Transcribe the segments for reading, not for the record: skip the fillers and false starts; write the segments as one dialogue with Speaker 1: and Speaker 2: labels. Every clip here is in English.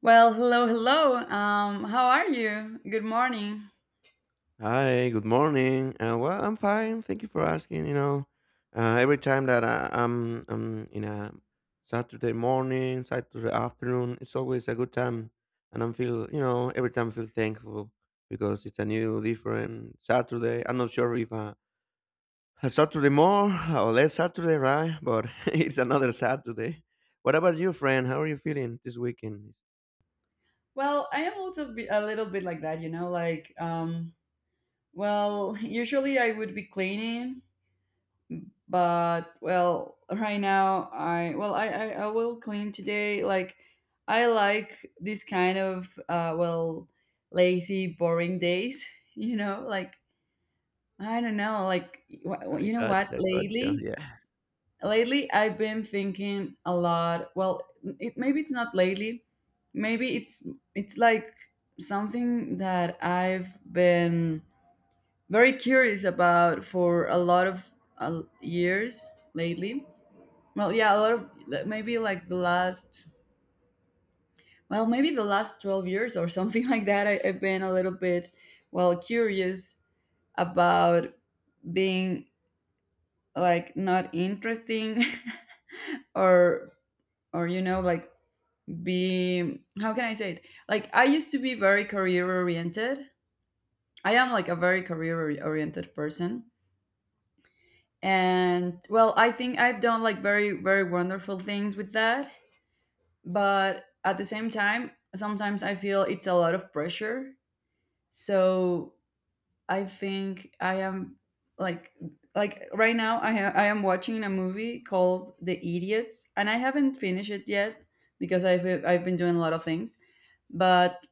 Speaker 1: Well, hello, hello. How are you? Good morning.
Speaker 2: Hi, good morning. Well, I'm fine. Thank you for asking. Every time that I'm in a Saturday morning, Saturday afternoon, it's always a good time, and I'm feel, you know, every time I feel thankful because it's a new, different Saturday. I'm not sure if a Saturday more or less Saturday, right? But it's another Saturday. What about you, friend? How are you feeling this weekend?
Speaker 1: Well, I am also a little bit like that, like well, usually I would be cleaning, but well, right now I will clean today. Like I like this kind of well, lazy, boring days, like I don't know, like
Speaker 2: I
Speaker 1: you know what?
Speaker 2: gotcha, I gotcha.
Speaker 1: Lately,
Speaker 2: Yeah.
Speaker 1: Lately, I've been thinking a lot. Well, maybe it's not lately. Maybe it's like something that I've been very curious about for a lot of years lately. Well, yeah, a lot of maybe like the last well, maybe the last 12 years or something like that. I've been a little bit, well, curious about being like not interesting, or or like, be how can I say it? Like I used to be very career oriented. I am like a very career oriented person, and well, I think I've done like very, very wonderful things with that, but at the same time, sometimes I feel it's a lot of pressure. So I think I am like right now I I am watching a movie called The Idiots, and I haven't finished it yet because I've been doing a lot of things. But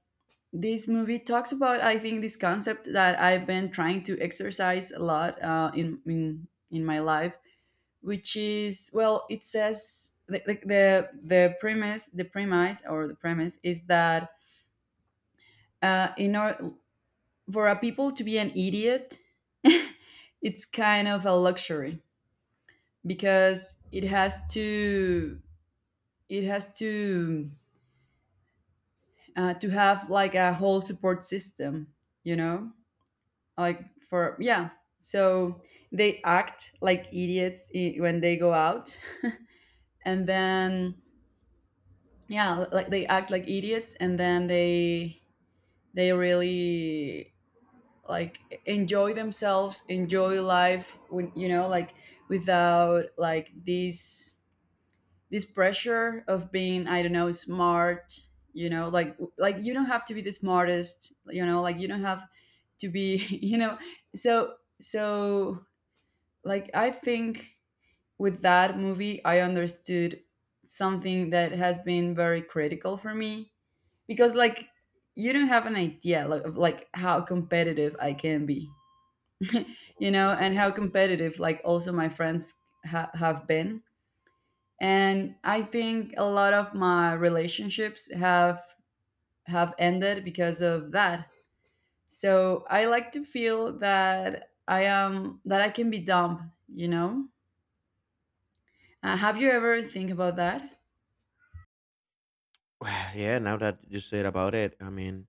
Speaker 1: this movie talks about, I think, this concept that I've been trying to exercise a lot in my life, which is, well, it says the premise is that in order for a people to be an idiot, it's kind of a luxury because it has to to have like a whole support system, you know, like, for, yeah. So they act like idiots when they go out, and then, yeah, like they act like idiots, and then they really like enjoy themselves, enjoy life, when, like, without like this pressure of being, I don't know, smart, like, you don't have to be the smartest, like you don't have to be, you know. So so like, I think with that movie I understood something that has been very critical for me, because, like, you don't have an idea, like, of like how competitive I can be. You know,
Speaker 2: Oh,
Speaker 1: and how competitive like also my friends have been, and I think a lot of my relationships have ended because of that. So I like to feel that I am that I can be dumb, have you ever think about that?
Speaker 2: yeah, now that you said about it, I mean.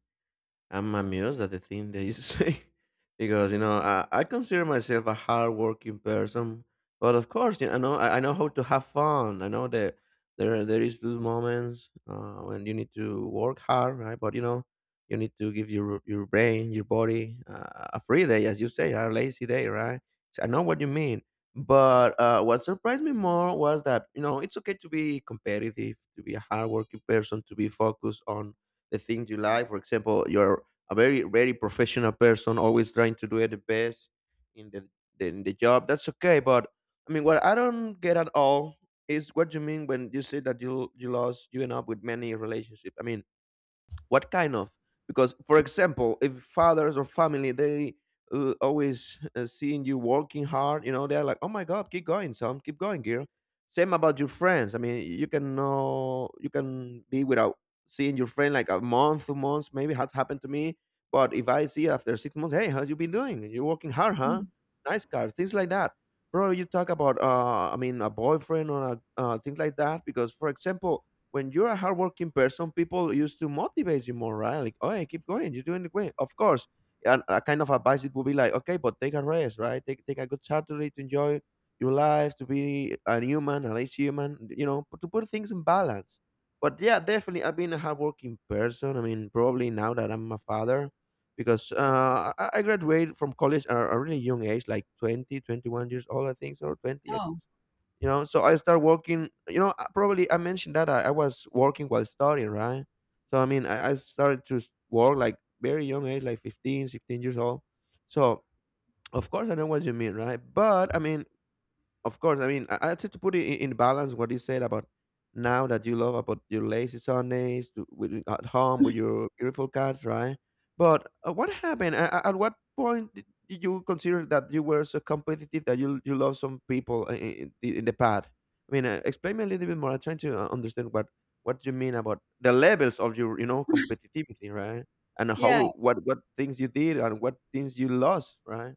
Speaker 2: I'm amused at the thing that you say because you know I consider myself a hardworking person, but of course you know I know how to have fun. I know that there is those moments when you need to work hard, right? But you know you need to give your brain, your body a free day, as you say, a lazy day, right? So I know what you mean. But what surprised me more was that you know it's okay to be competitive, to be a hardworking person, to be focused on the things you like. For example, your a very very professional person, always trying to do it the best in the, in the job. That's okay, but I mean, what I don't get at all is what you mean when you say that you end up with many relationships. I mean, what kind of because for example if fathers or family they always seeing you working hard you know they're like oh my god, keep going, son, keep going, girl. Same about your friends. I mean you can know you can be without seeing your friend like a month, 2 months, maybe has happened to me. But if I see after 6 months, hey, how you been doing, you're working hard, huh, nice car, things like that, bro. You talk about I mean a boyfriend or things like that because for example when you're a hardworking person, people used to motivate you more, right? Like, oh, yeah, keep going, you're doing it great. Of course, and a kind of advice it would be like, okay, but take a rest, right? Take a good Saturday to enjoy your life, to be a human, a nice human, you know, to put things in balance. But yeah, definitely, I've been a hardworking person. I mean, probably now that I'm a father, because I graduated from college at a really young age, like 20, 21 years old, I think, or 20, I
Speaker 1: Oh,
Speaker 2: think so. You know, so I start working, you know, probably I mentioned that I was working while studying, right? So I mean, I started to work like very young age, like 15, 16 years old. So of course I know what you mean, right? But I mean, of course, I mean, I try to put it in balance what you said about now that you love about your lazy Sundays to, with, you- at home with your beautiful cats, right? But what happened? At what point did you consider that you were so competitive that you love some people in, in the past? I mean, explain me a little bit more. I'm trying to understand what you mean about the levels of your you know competitivity, right? And
Speaker 1: yeah.
Speaker 2: how what things you did and what things you lost, right?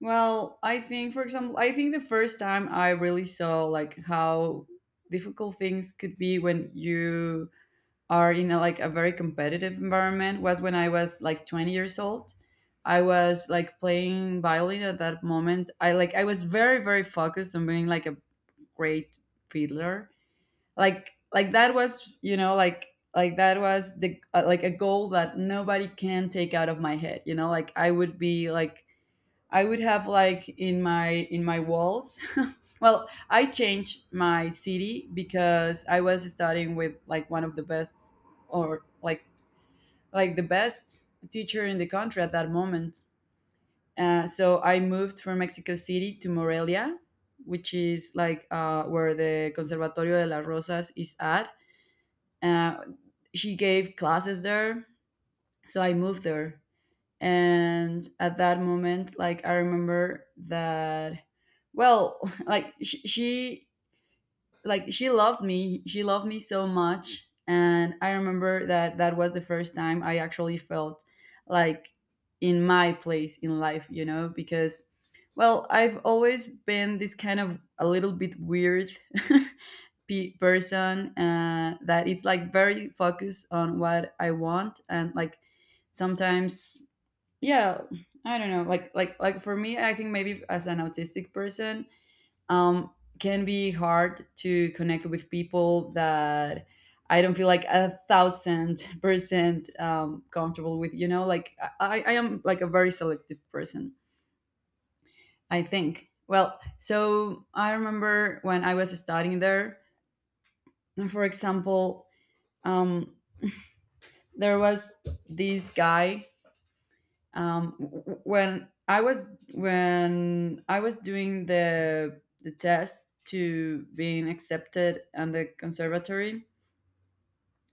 Speaker 1: Well, I think, for example, I think the first time I really saw like how difficult things could be when you are in like a very competitive environment was when I was like 20 years old. I was like playing violin at that moment. I was very, very focused on being like a great fiddler. Like that was, you know, like that was the like a goal that nobody can take out of my head. You know, like I would be like, I would have like in my walls. Well, I changed my city because I was studying with like one of the best, or the best teacher in the country at that moment. So I moved from Mexico City to Morelia, which is like where the Conservatorio de las Rosas is at. Uh, she gave classes there, so I moved there, and at that moment, like I remember that, well, like she like she loved me so much, and I remember that that was the first time I actually felt like in my place in life, you know, because, well, I've always been this kind of a little bit weird person, that it's like very focused on what I want, and like sometimes, yeah, I don't know, for me, I think maybe as an autistic person, um can be hard to connect with people that I don't feel like a thousand percent comfortable with, you know, like I am like a very selective person, I think. Well, so I remember when I was studying there, for example, um there was this guy. um w- when i was when I was doing the test to being accepted on the conservatory,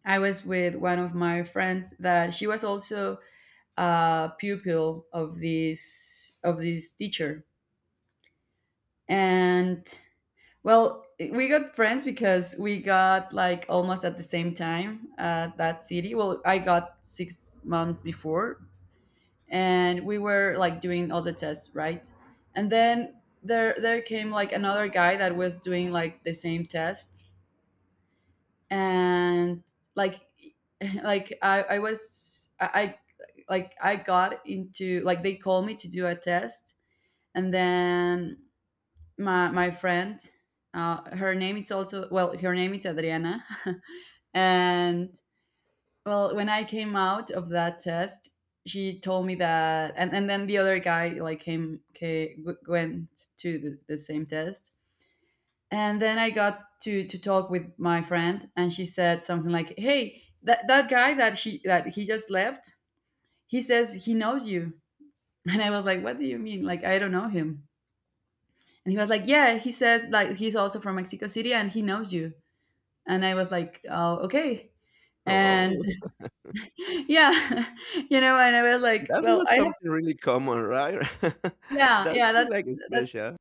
Speaker 1: I was with one of my friends that she was also a pupil of this teacher, and, well, we got friends because we got like almost at the same time at that city. Well, I got 6 months before, and we were like doing all the tests, right? And then there came like another guy that was doing like the same test, and, like, like I was I like I got into, like, they called me to do a test, and then my friend, her name is also well, her name is Adriana, and, well, when I came out of that test, she told me that, and then the other guy like came, came went to the same test, and then I got to talk with my friend, and she said something like, hey, that guy that he just left, he says he knows you. And I was like, what do you mean? Like, I don't know him. And he was like, yeah, he says like he's also from Mexico City, and he knows you. And I was like, oh, okay. And
Speaker 2: Oh,
Speaker 1: yeah, you know, and I was like,
Speaker 2: that's
Speaker 1: well,
Speaker 2: not
Speaker 1: I...
Speaker 2: something really common, right?
Speaker 1: Yeah,
Speaker 2: That's
Speaker 1: yeah, that's
Speaker 2: like
Speaker 1: that's
Speaker 2: special.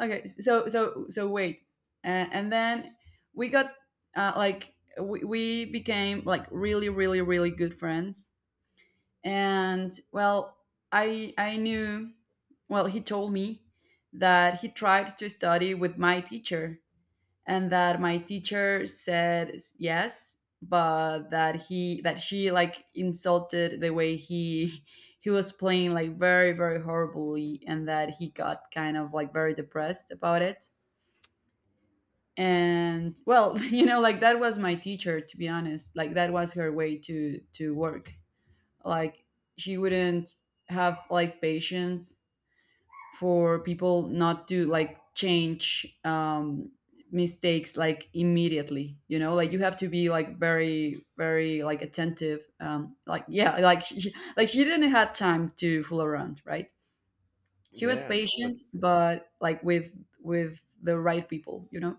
Speaker 1: okay. So, wait, and then we got like we became like really, really, really good friends, and, well, I knew, well, he told me that he tried to study with my teacher, and that my teacher said yes, but that she like insulted the way he was playing, like very, very horribly, and that he got kind of like very depressed about it. And, well, you know, like that was my teacher, to be honest. Like that was her way to work. Like she wouldn't have like patience for people not to like change mistakes like immediately, you know, like you have to be like very, very like attentive, like, yeah, like, like she didn't have time to fool around, right? She was
Speaker 2: Yeah, no, but
Speaker 1: patient, but like with the right people, you know.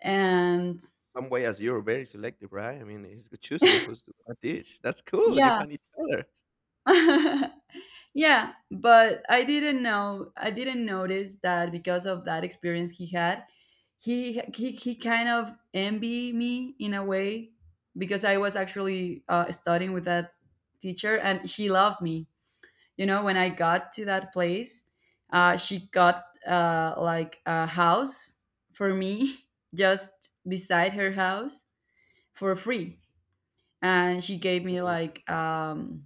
Speaker 1: And
Speaker 2: some way as you're very selective, right? I mean, he's choosing who's to what dish. That's cool. You
Speaker 1: yeah,
Speaker 2: find each other.
Speaker 1: yeah, but I didn't notice that because of that experience he had, he kind of envy me in a way, because I was actually studying with that teacher, and she loved me. You know, when I got to that place, she got like a house for me just beside her house for free, and she gave me
Speaker 2: Ooh,
Speaker 1: like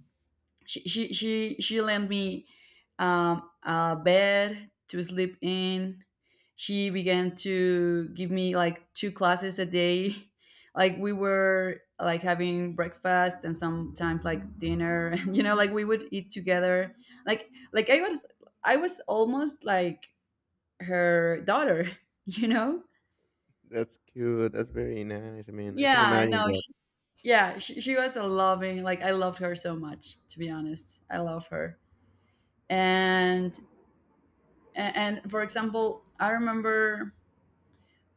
Speaker 1: she lent me a bed to sleep in. She began to give me like two classes a day. Like we were like having breakfast and sometimes like dinner. You know, like we would eat together. Like I was almost like her daughter. You know.
Speaker 2: that's cute. That's very nice. I mean, I can
Speaker 1: Yeah,
Speaker 2: imagine
Speaker 1: no,
Speaker 2: that.
Speaker 1: sh yeah, she was a loving, like I loved her so much, to be honest. I love her. And and for example, I remember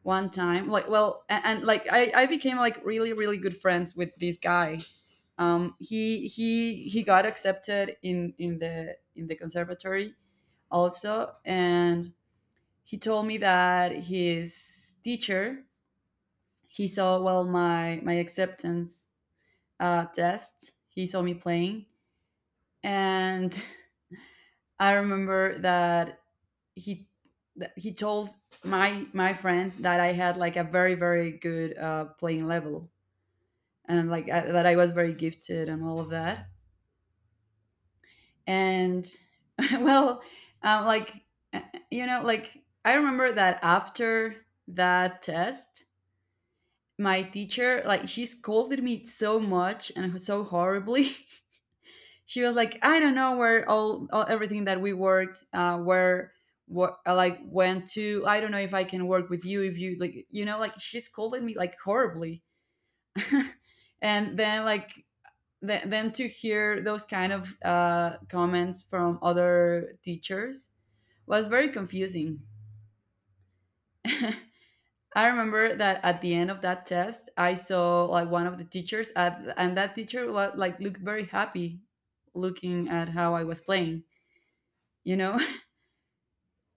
Speaker 1: one time, like, well, like I became like really, really good friends with this guy. He got accepted in the conservatory also, and he told me that his teacher, he saw, well, my acceptance test, he saw me playing. And I remember that he he told my friend that I had like a very, very good playing level, and like that I was very gifted and all of that. And well, like, uh, you know, like I remember that after that test, my teacher, like she scolded me so much and so horribly. She was like, I don't know where all everything that we worked, where what like went to. I don't know if I can work with you, if you like, you know, like she scolded me like horribly. And then, like, then to hear those kind of comments from other teachers was very confusing. I remember that at the end of that test, I saw like one of the teachers, and that teacher was, like, looked very happy, looking at how I was playing. You know,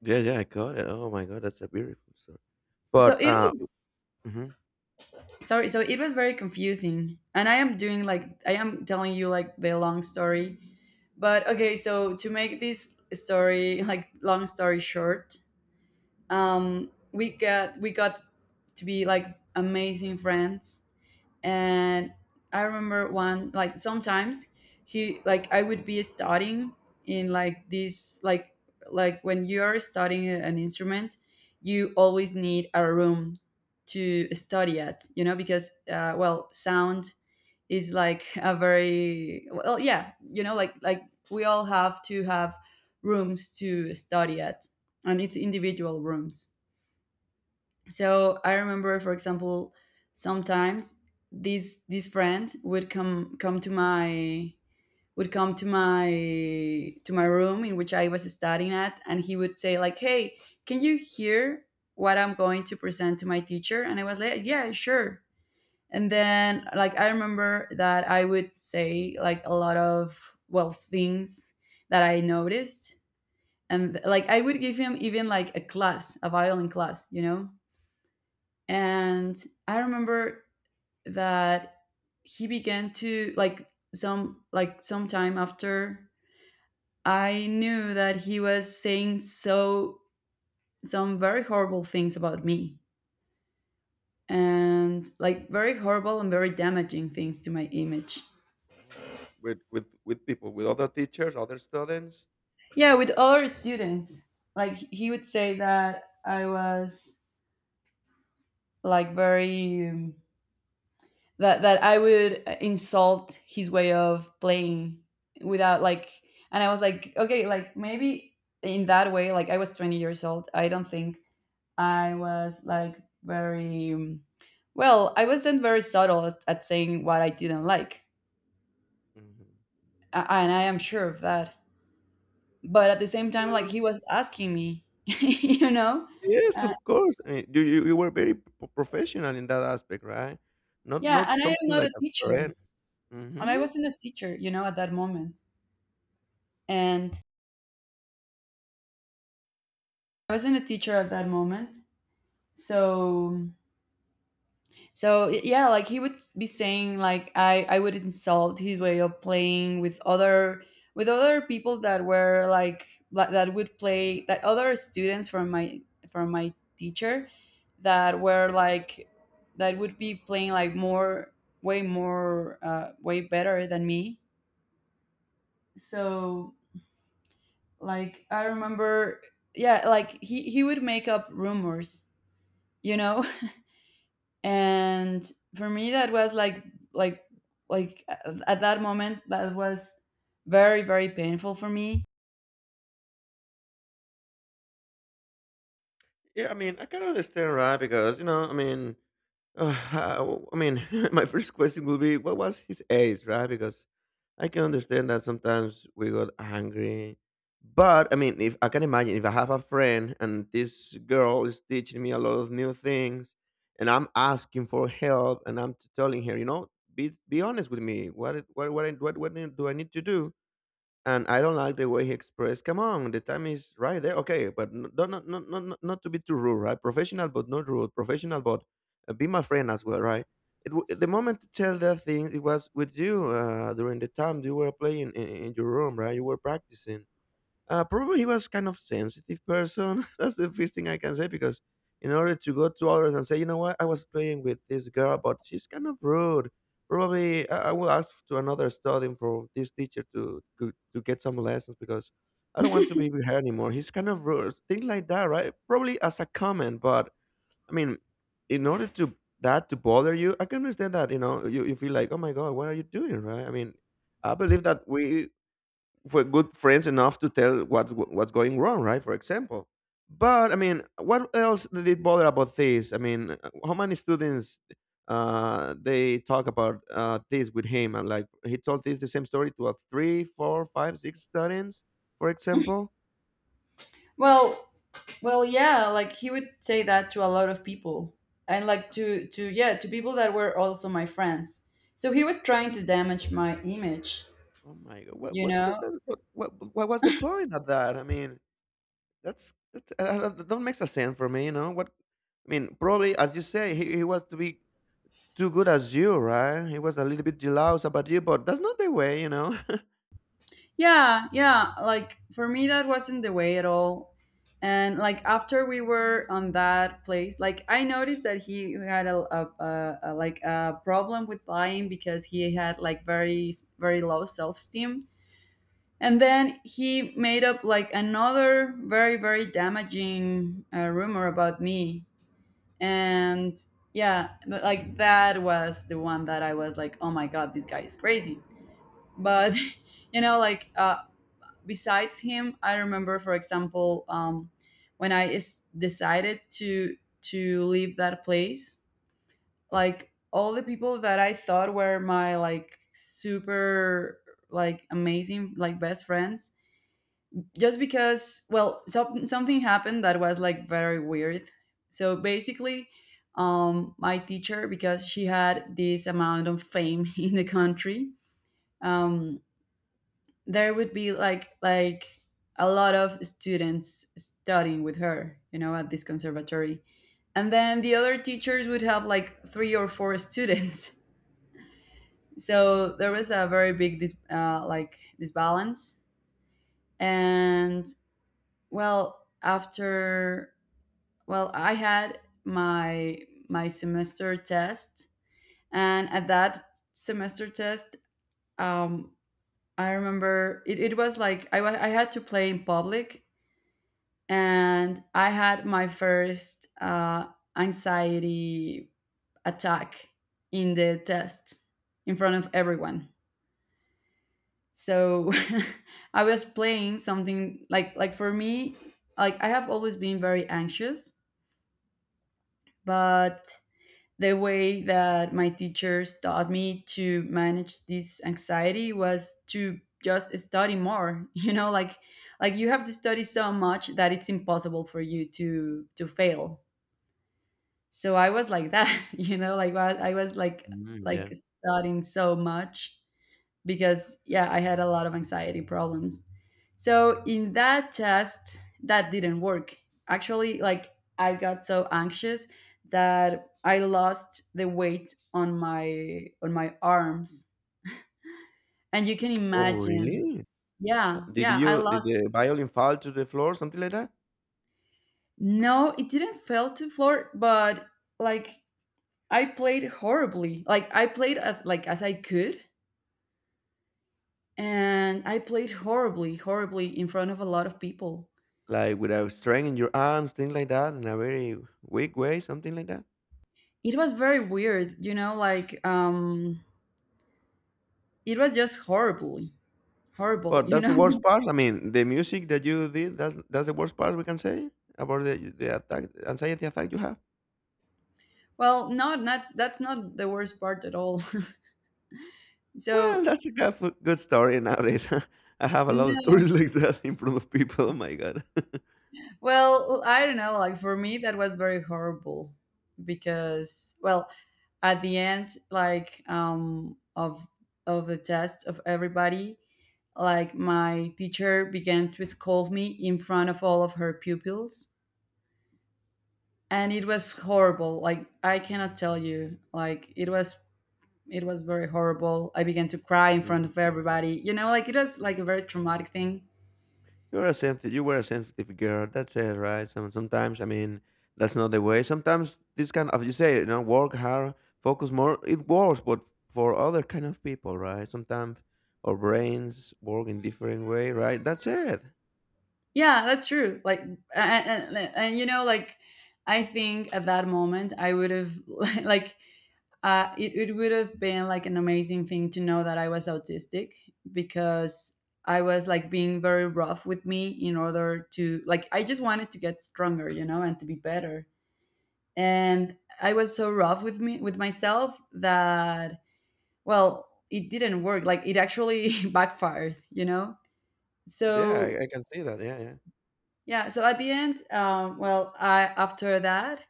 Speaker 2: Yeah, yeah, I got it. Oh my god, that's a beautiful story.
Speaker 1: so
Speaker 2: But
Speaker 1: it was
Speaker 2: mhm.
Speaker 1: sorry, so it was very confusing, and I am doing like I am telling you like the long story, but okay, so to make this story like long story short, we got to be like amazing friends. And I remember one, like sometimes he like I would be studying in like this, like when you're studying an instrument, you always need a room to study at, you know, because well, sound is like a very, well, yeah, you know, like we all have to have rooms to study at, and it's individual rooms. So I remember, for example, sometimes this friend would come to my, would come to my, to my room in which I was studying at, and he would say like, hey, can you hear what I'm going to present to my teacher? And I was like, yeah, sure. And then like I remember that I would say like a lot of, well, things that I noticed, and like I would give him even like a class, a violin class, and I remember that he began to like, some like some time after, I knew that he was saying so some very horrible things about me, and like very horrible and very damaging things to my image.
Speaker 2: Oh, with people, with other teachers, other students.
Speaker 1: Yeah, with other students. Like he would say that I was like very that I would insult his way of playing without like, and I was like, okay, like maybe in that way, like I was 20 years old. I don't think I was like very well, I wasn't very subtle at saying what I didn't like.
Speaker 2: Mhm.
Speaker 1: And I am sure of that, but at the same time like he was asking me
Speaker 2: Yes,
Speaker 1: uh,
Speaker 2: of course. I mean, you were very professional in that aspect, right? Not
Speaker 1: yeah.
Speaker 2: not
Speaker 1: And I am
Speaker 2: something
Speaker 1: not
Speaker 2: like
Speaker 1: a
Speaker 2: a
Speaker 1: teacher,
Speaker 2: friend.
Speaker 1: and I
Speaker 2: Hmm.
Speaker 1: wasn't a teacher, you know, at that moment. And I wasn't a teacher at that moment. So, so yeah, like he would be saying like I would insult his way of playing with other, with other people that were like that would play, that other students from my, from my teacher, that were like, that would be playing like more, way more, way better than me. So, like I remember, yeah, like he would make up rumors, you know. And for me, that was like like at that moment that was very, very painful for me.
Speaker 2: Yeah, I mean, I can understand, right? Because you know, I mean, uh, I mean, my first question will be, what was his age, right? Because I can understand that sometimes we got angry. But I mean, if I can imagine, if I have a friend and this girl is teaching me a lot of new things, and I'm asking for help, and I'm telling her, you know, be honest with me. What what what do I need to do? And I don't like the way he expressed, "Come on, the time is right there." Okay, but n- don't not to be too rude, right? Professional, but not rude. Professional, but be my friend as well, right? The moment to tell that thing, it was with you during the time you were playing in your room, right? You were practicing, probably he was kind of sensitive person. That's the first thing I can say because in order to go to others and say, you know what, I was playing with this girl, but she's kind of rude. Probably I will ask to another studying for this teacher to get some lessons because I don't want to be with her anymore. He's kind of rude, things like that, right? Probably as a comment, but I mean, in order to that to bother you, I can understand that. You know, you feel like, oh my god, what are you doing, right? I mean, I believe that we were good friends enough to tell what what's going wrong, right? For example. But I mean, what else did it bother about this? I mean, how many students they talk about this with him? And like he told this the same story to a three, four, five, six students, for example.
Speaker 1: Well, well, yeah, like he would say that to a lot of people, and like to, yeah, to people that were also my friends. So he was trying to damage my image,
Speaker 2: Oh my god,
Speaker 1: you
Speaker 2: what was
Speaker 1: know.
Speaker 2: that? What was the point of that? I mean, that's that that makes a sense for me, you know. What I mean, probably as you say, he was to be too good as you, right? He was a little bit jealous about you, but that's not the way, you know.
Speaker 1: Yeah, yeah. Like for me, that wasn't the way at all. And like after we were on that place, like I noticed that he had a, a, like a problem with lying, because he had like very, very low self esteem. And then he made up like another very, very damaging rumor about me. And yeah, like that was the one that I was like, oh my god, this guy is crazy. But you know, like besides him, I remember, for example, when I is decided to leave that place, like all the people that I thought were my like super, like amazing, like best friends, just because, well, some, something happened that was like very weird. So basically, my teacher, because she had this amount of fame in the country, um there would be like a lot of students studying with her, you know, at this conservatory. And then the other teachers would have like three or four students. So there was a very big like disbalance. And well, after, well, I had my, my semester test, and at that semester test, um, I remember it, it was like I I had to play in public, and I had my first anxiety attack in the test in front of everyone. So I was playing something like for me, like I have always been very anxious, but the way that my teachers taught me to manage this anxiety was to just study more. You know, like you have to study so much that it's impossible for you to fail. So I was like that. You know, like I was like
Speaker 2: Mm,
Speaker 1: like
Speaker 2: yeah.
Speaker 1: studying so much, because yeah, I had a lot of anxiety problems. So in that test, that didn't work. Actually, like I got so anxious that I lost the weight on my, on my arms, and you can
Speaker 2: Oh,
Speaker 1: imagine.
Speaker 2: really?
Speaker 1: Yeah,
Speaker 2: Did
Speaker 1: yeah, I
Speaker 2: you did
Speaker 1: lost.
Speaker 2: the violin fall to the floor, something like that?
Speaker 1: No, it didn't fell to floor, but like I played horribly. Like I played as like as I could, and I played horribly, horribly in front of a lot of people.
Speaker 2: Like with a string in your arms, things like that, in a very weak way, something like that.
Speaker 1: It was very weird, you know, like it was just horribly, horrible,
Speaker 2: But
Speaker 1: you
Speaker 2: that's the
Speaker 1: know.
Speaker 2: worst part. I mean, the music that you did, that's the worst part we can say about the attack, anxiety attack you have.
Speaker 1: Well, no, not that's not the worst part at all.
Speaker 2: Well,
Speaker 1: So,
Speaker 2: that's a good, good story nowadays. I have a lot of
Speaker 1: no,
Speaker 2: stories like that in front of people. Oh my god.
Speaker 1: well, I don't know, like for me that was very horrible, because, well, at the end like of the test, of everybody, like my teacher began to scold me in front of all of her pupils, and it was horrible. Like I cannot tell you, like it was, it was very horrible. I began to cry in front
Speaker 2: Mhm.
Speaker 1: of everybody, you know. Like it was like a very traumatic thing.
Speaker 2: You're a sensitive. You were a sensitive girl. That's it, right? Some sometimes I mean that's not the way. Sometimes this kind of you say you know work hard, focus more. It works, but for other kind of people, right? Sometimes our brains work in different way, right? That's it.
Speaker 1: Yeah, that's true. Like, and you know, like I think at that moment, I would have like it, it would have been like an amazing thing to know that I was autistic, because I was like being very rough with me in order to, like I just wanted to get stronger, you know, and to be better. And I was so rough with me, with myself, that, well, it didn't work. Like it actually backfired, you know.
Speaker 2: Yeah, I,
Speaker 1: So,
Speaker 2: I can see that. Yeah, yeah.
Speaker 1: yeah, so at the end, well, I, after that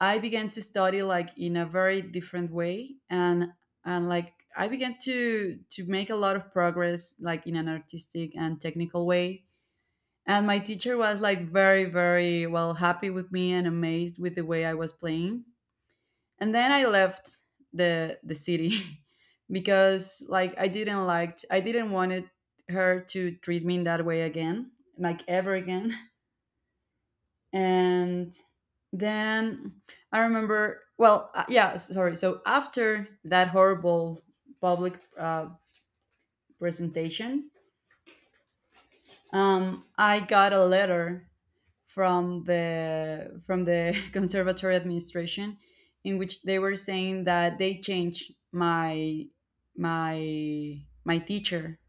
Speaker 1: I began to study like in a very different way, and like I began to make a lot of progress, like in an artistic and technical way. And my teacher was like very, very, well, happy with me and amazed with the way I was playing. And then I left the city, because like I didn't, like I didn't wanted her to treat me in that way again, like ever again. And then I remember, well, yeah, sorry, so after that horrible public presentation, I got a letter from the, from the conservatory administration, in which they were saying that they changed my, my, my teacher,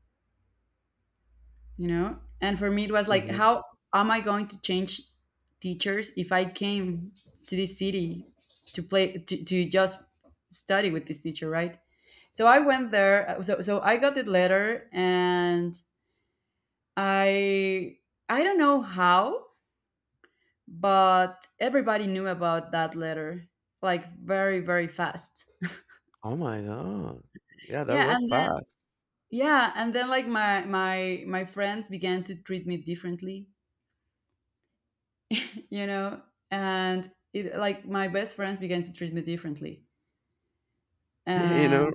Speaker 1: you know. And for me it was like,
Speaker 2: Hmm.
Speaker 1: how am I going to change teachers if I came to this city to play to just study with this teacher, right? So I went there, so so I got the letter, and i I don't know how, but everybody knew about that letter, like very, very fast.
Speaker 2: Oh my god. Yeah, that
Speaker 1: Yeah,
Speaker 2: was
Speaker 1: and then,
Speaker 2: fast.
Speaker 1: yeah, and then like my friends began to treat me differently, you know. And it like my best friends began to treat me differently,
Speaker 2: You know,
Speaker 1: and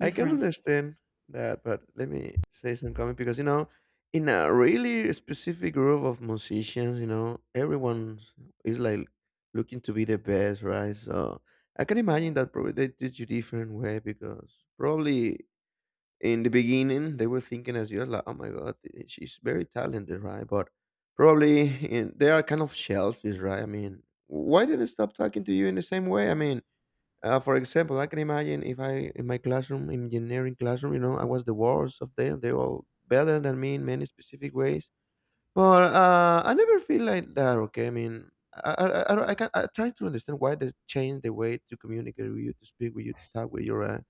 Speaker 2: I can understand that, but let me say some comment because you know, in a really specific group of musicians, you know, everyone is like looking to be the best, right? So I can imagine that probably they did you different way because probably in the beginning they were thinking as you like, oh my god, eh, she's very talented, right? But probably in, they are kind of shells, right? I mean, why did they stop talking to you in the same way? I mean, for example, I can imagine if I in my classroom, engineering classroom, you know, I was the worst of them. They were all better than me in many specific ways. But I never feel like that. Okay, I mean, I can I try to understand why they change the way to communicate with you, to speak with you, to talk with you. Right?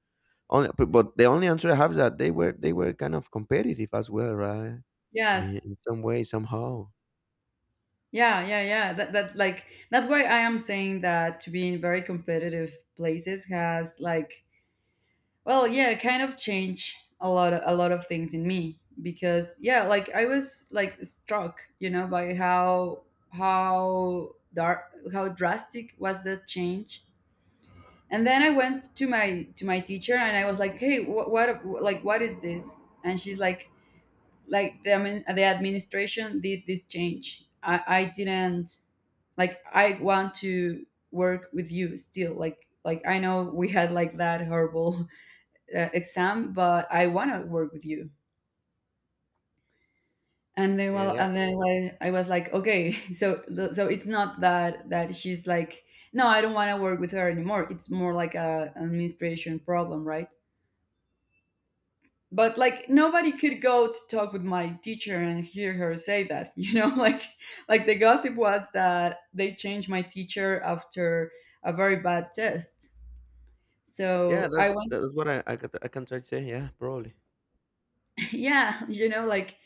Speaker 2: Only, but the only answer I have is that they were kind of competitive as well, right? I
Speaker 1: Yes.
Speaker 2: mean, in some way, somehow.
Speaker 1: Yeah, yeah, yeah, that like that's why I am saying that to be in very competitive places has like, well, yeah, it kind of changed a lot, a lot of things in me, because yeah, like I was like struck, you know, by how dark, how drastic was the change. And then I went to my, to my teacher, and I was like, "Hey, what like what is this?" And she's like, "Like the the administration did this change. I didn't, like I want to work with you still. Like I know we had like that horrible exam, but I want to work with you." And then,
Speaker 2: Yeah,
Speaker 1: well,
Speaker 2: yeah,
Speaker 1: and then like, I was like, "Okay, so so it's not that that she's like, no, I don't want to work with her anymore. It's more like a an administration problem, right?" But like nobody could go to talk with my teacher and hear her say that, you know, like the gossip was that they changed my teacher after a very bad test.
Speaker 2: yeah.
Speaker 1: So I went,
Speaker 2: That's what I can try to say. Yeah, probably.
Speaker 1: yeah, like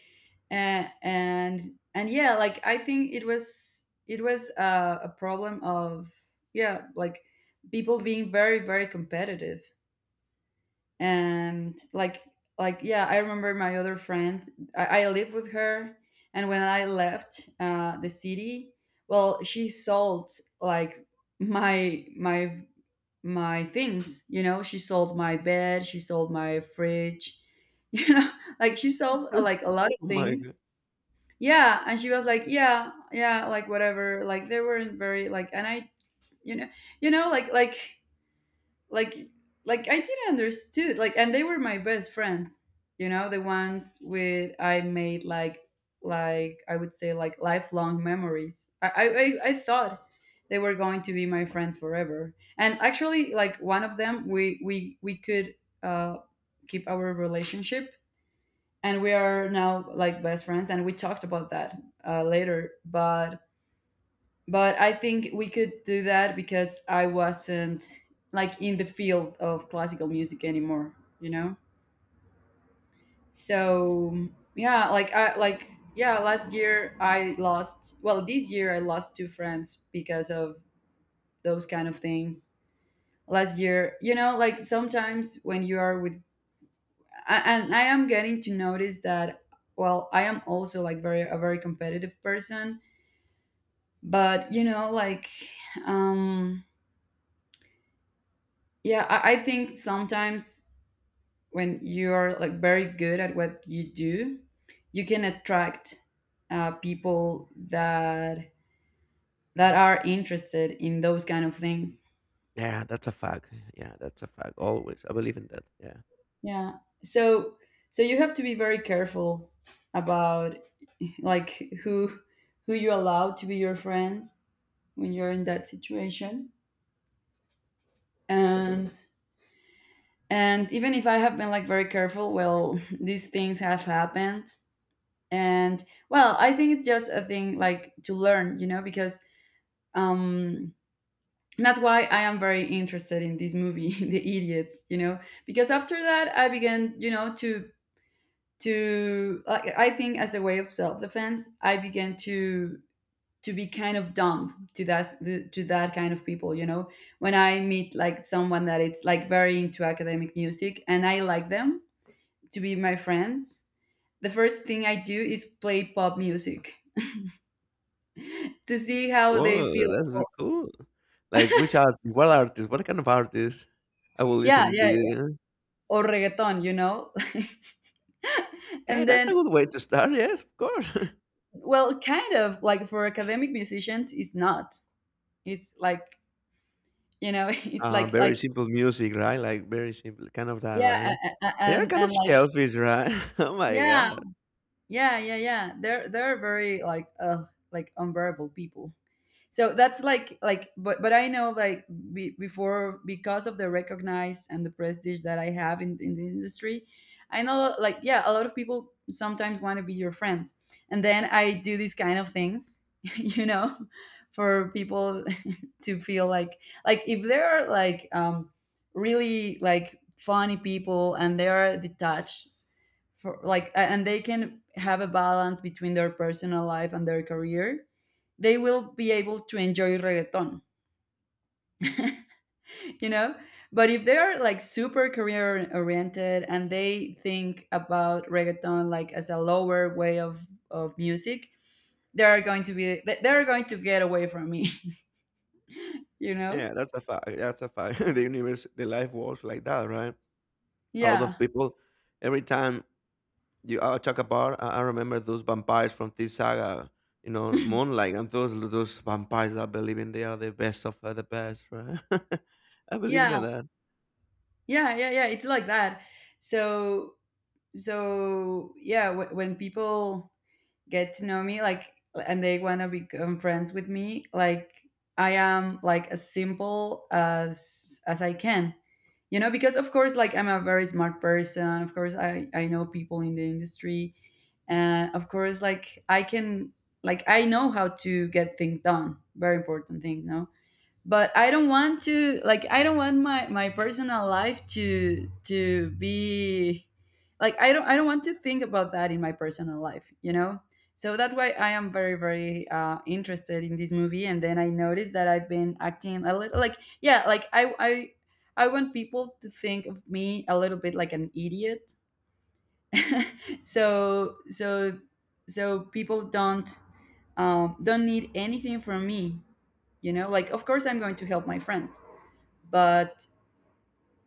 Speaker 1: and and and yeah, I think it was a problem of, yeah, like, people being very competitive. And like, yeah, I remember my other friend. I lived with her, and when I left the city, well, she sold, like, my my my things, you know. She sold my bed, she sold my fridge, you know she sold like a lot of
Speaker 2: Oh my.
Speaker 1: things. Yeah, and she was like, yeah, yeah, like, whatever, like, they weren't very like. And I, you know, you know like like like like, I didn't understood, like, and they were my best friends, you know, the ones with I made, like, I would say, like, lifelong memories. I thought they were going to be my friends forever. And actually, like, one of them, we could uh keep our relationship, and we are now, like, best friends, and we talked about that later. But I think we could do that because I wasn't, like, in the field of classical music anymore, you know. So, yeah, like, I like, yeah, last year I lost, well, this year I lost two friends because of those kind of things last year. You know, like, sometimes when you are with and I am getting to notice that, well, I am also like very a very competitive person. But you know, like, um yeah, I think sometimes when you're like very good at what you do, you can attract people that, that are interested in those kind of things.
Speaker 2: Yeah, that's a fact. Yeah, that's a fact. Always. I believe in that. Yeah.
Speaker 1: Yeah, so, so you have to be very careful about, like, who you allow to be your friends when you're in that situation. and and even if I have been like very careful, well, these things have happened. And, well, I think it's just a thing like to learn, you know, because, um that's why I am very interested in this movie, The Idiots, you know. Because after that, I began, you know, to, like, I think as a way of self-defense, I began to be kind of dumb to that, to that kind of people, you know. When I meet, like, someone that it's like very into academic music, and I like them to be my friends, the first thing I do is play pop music to see how they
Speaker 2: Oh,
Speaker 1: feel.
Speaker 2: that's really cool. Like which artist? What artist? What kind of artist? I will
Speaker 1: Yeah,
Speaker 2: listen to
Speaker 1: yeah,
Speaker 2: you.
Speaker 1: or reggaeton, you know?
Speaker 2: Yeah,
Speaker 1: And
Speaker 2: that's a
Speaker 1: then,
Speaker 2: good way to start. Yes, of course.
Speaker 1: well, kind of like for academic musicians, it's not. It's like, you know, it's like,
Speaker 2: Very simple music, right? Like very simple, kind of that,
Speaker 1: yeah,
Speaker 2: right?
Speaker 1: a- a-
Speaker 2: They are
Speaker 1: and,
Speaker 2: kind
Speaker 1: and
Speaker 2: of
Speaker 1: like,
Speaker 2: selfish, right? Oh my
Speaker 1: yeah,
Speaker 2: god.
Speaker 1: yeah. They're very like unbearable people. So that's like, but I know, like, before, because of the recognized and the prestige that I have in the industry, I know, like, yeah, a lot of people sometimes want to be your friend. And then I do these kind of things, you know, for people to feel like, if they are like, really like funny people and they are detached for, like, and they can have a balance between their personal life and their career, they will be able to enjoy reggaeton, you know? But if they are like super career oriented and they think about reggaeton like as a lower way of music, they are going to be, they are going to get away from me, you know?
Speaker 2: Yeah, that's a fact. That's a fact. The universe, the life works like that, right? A lot of
Speaker 1: Yeah.
Speaker 2: people, every time you talk about. I remember those vampires from this saga. You know, Moonlight, and those vampires that believe in they are the best of the best, right? I believe
Speaker 1: Yeah.
Speaker 2: that, that
Speaker 1: Yeah, yeah, yeah, it's like that. So, so yeah, when people get to know me, like, and they want to become friends with me, like, I am like as simple as I can. You know, because of course, like, I'm a very smart person. Of course, I know people in the industry, and of course, like, I can, like, I know how to get things done, very important thing, no. But I don't want to, like, I don't want my, my personal life to be, like, I don't want to think about that in my personal life, you know. So that's why I am very interested in this movie. And then I noticed that I've been acting a little, like, yeah, like, I want people to think of me a little bit like an idiot. so so so people don't, don't need anything from me, you know. Like, of course, I'm going to help my friends. But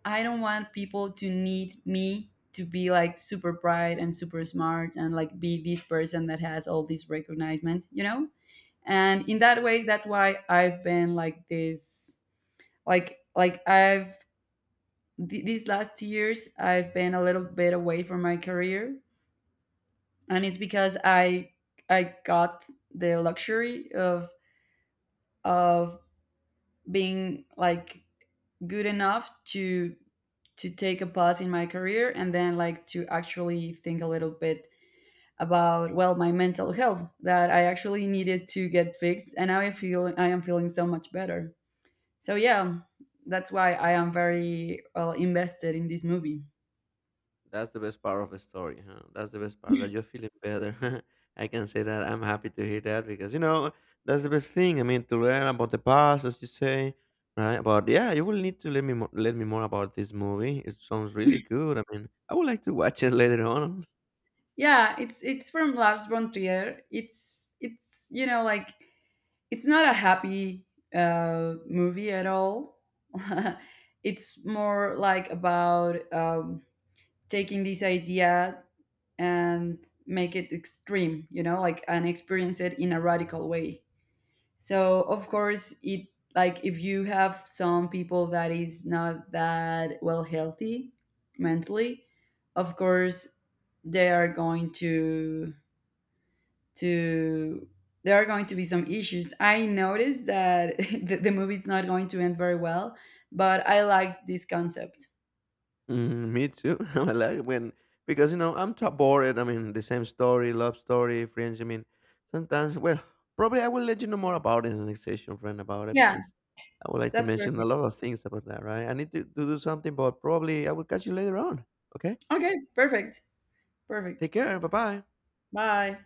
Speaker 1: I don't want people to need me to be like super bright and super smart, and like be this person that has all this recognition, you know? And in that way, that's why I've been like this, I've, these last two years, I've been a little bit away from my career. And it's because I got the luxury of being like good enough to take a pause in my career, and then, like, to actually think a little bit about, well, my mental health, that I actually needed to get fixed. And now I feel, I am feeling so much better. So yeah, that's why I am very well invested in this movie.
Speaker 2: that's the best part of the story. Huh? That's the best part that you're feeling better. I can say that I'm happy to hear that because you know that's the best thing. I mean, to learn about the past, as you say, right? But yeah, you will need to let me let me more about this movie. It sounds really good. I mean, I would like to watch it later on.
Speaker 1: Yeah, it's from Lars von Trier. It's you know, like, it's not a happy movie at all. It's more like about, taking this idea and make it extreme, you know, like, and experience it in a radical way. So of course, it, like, if you have some people that is not that well healthy mentally, of course they are going to, there are going to be some issues. I noticed that the movie is not going to end very well, but I liked this concept.
Speaker 2: Mm, me too. I like it when because you know I'm too bored. I mean, the same story, love story, friends. I mean, sometimes. Well, probably I will let you know more about it in the next session, friend, about it
Speaker 1: Yeah,
Speaker 2: because I would like to
Speaker 1: that's
Speaker 2: mention a
Speaker 1: perfect.
Speaker 2: lot of things about that. Right? I need to do something, but probably I will catch you later on. Okay.
Speaker 1: Okay, perfect. Perfect.
Speaker 2: Take care. Bye bye.
Speaker 1: Bye.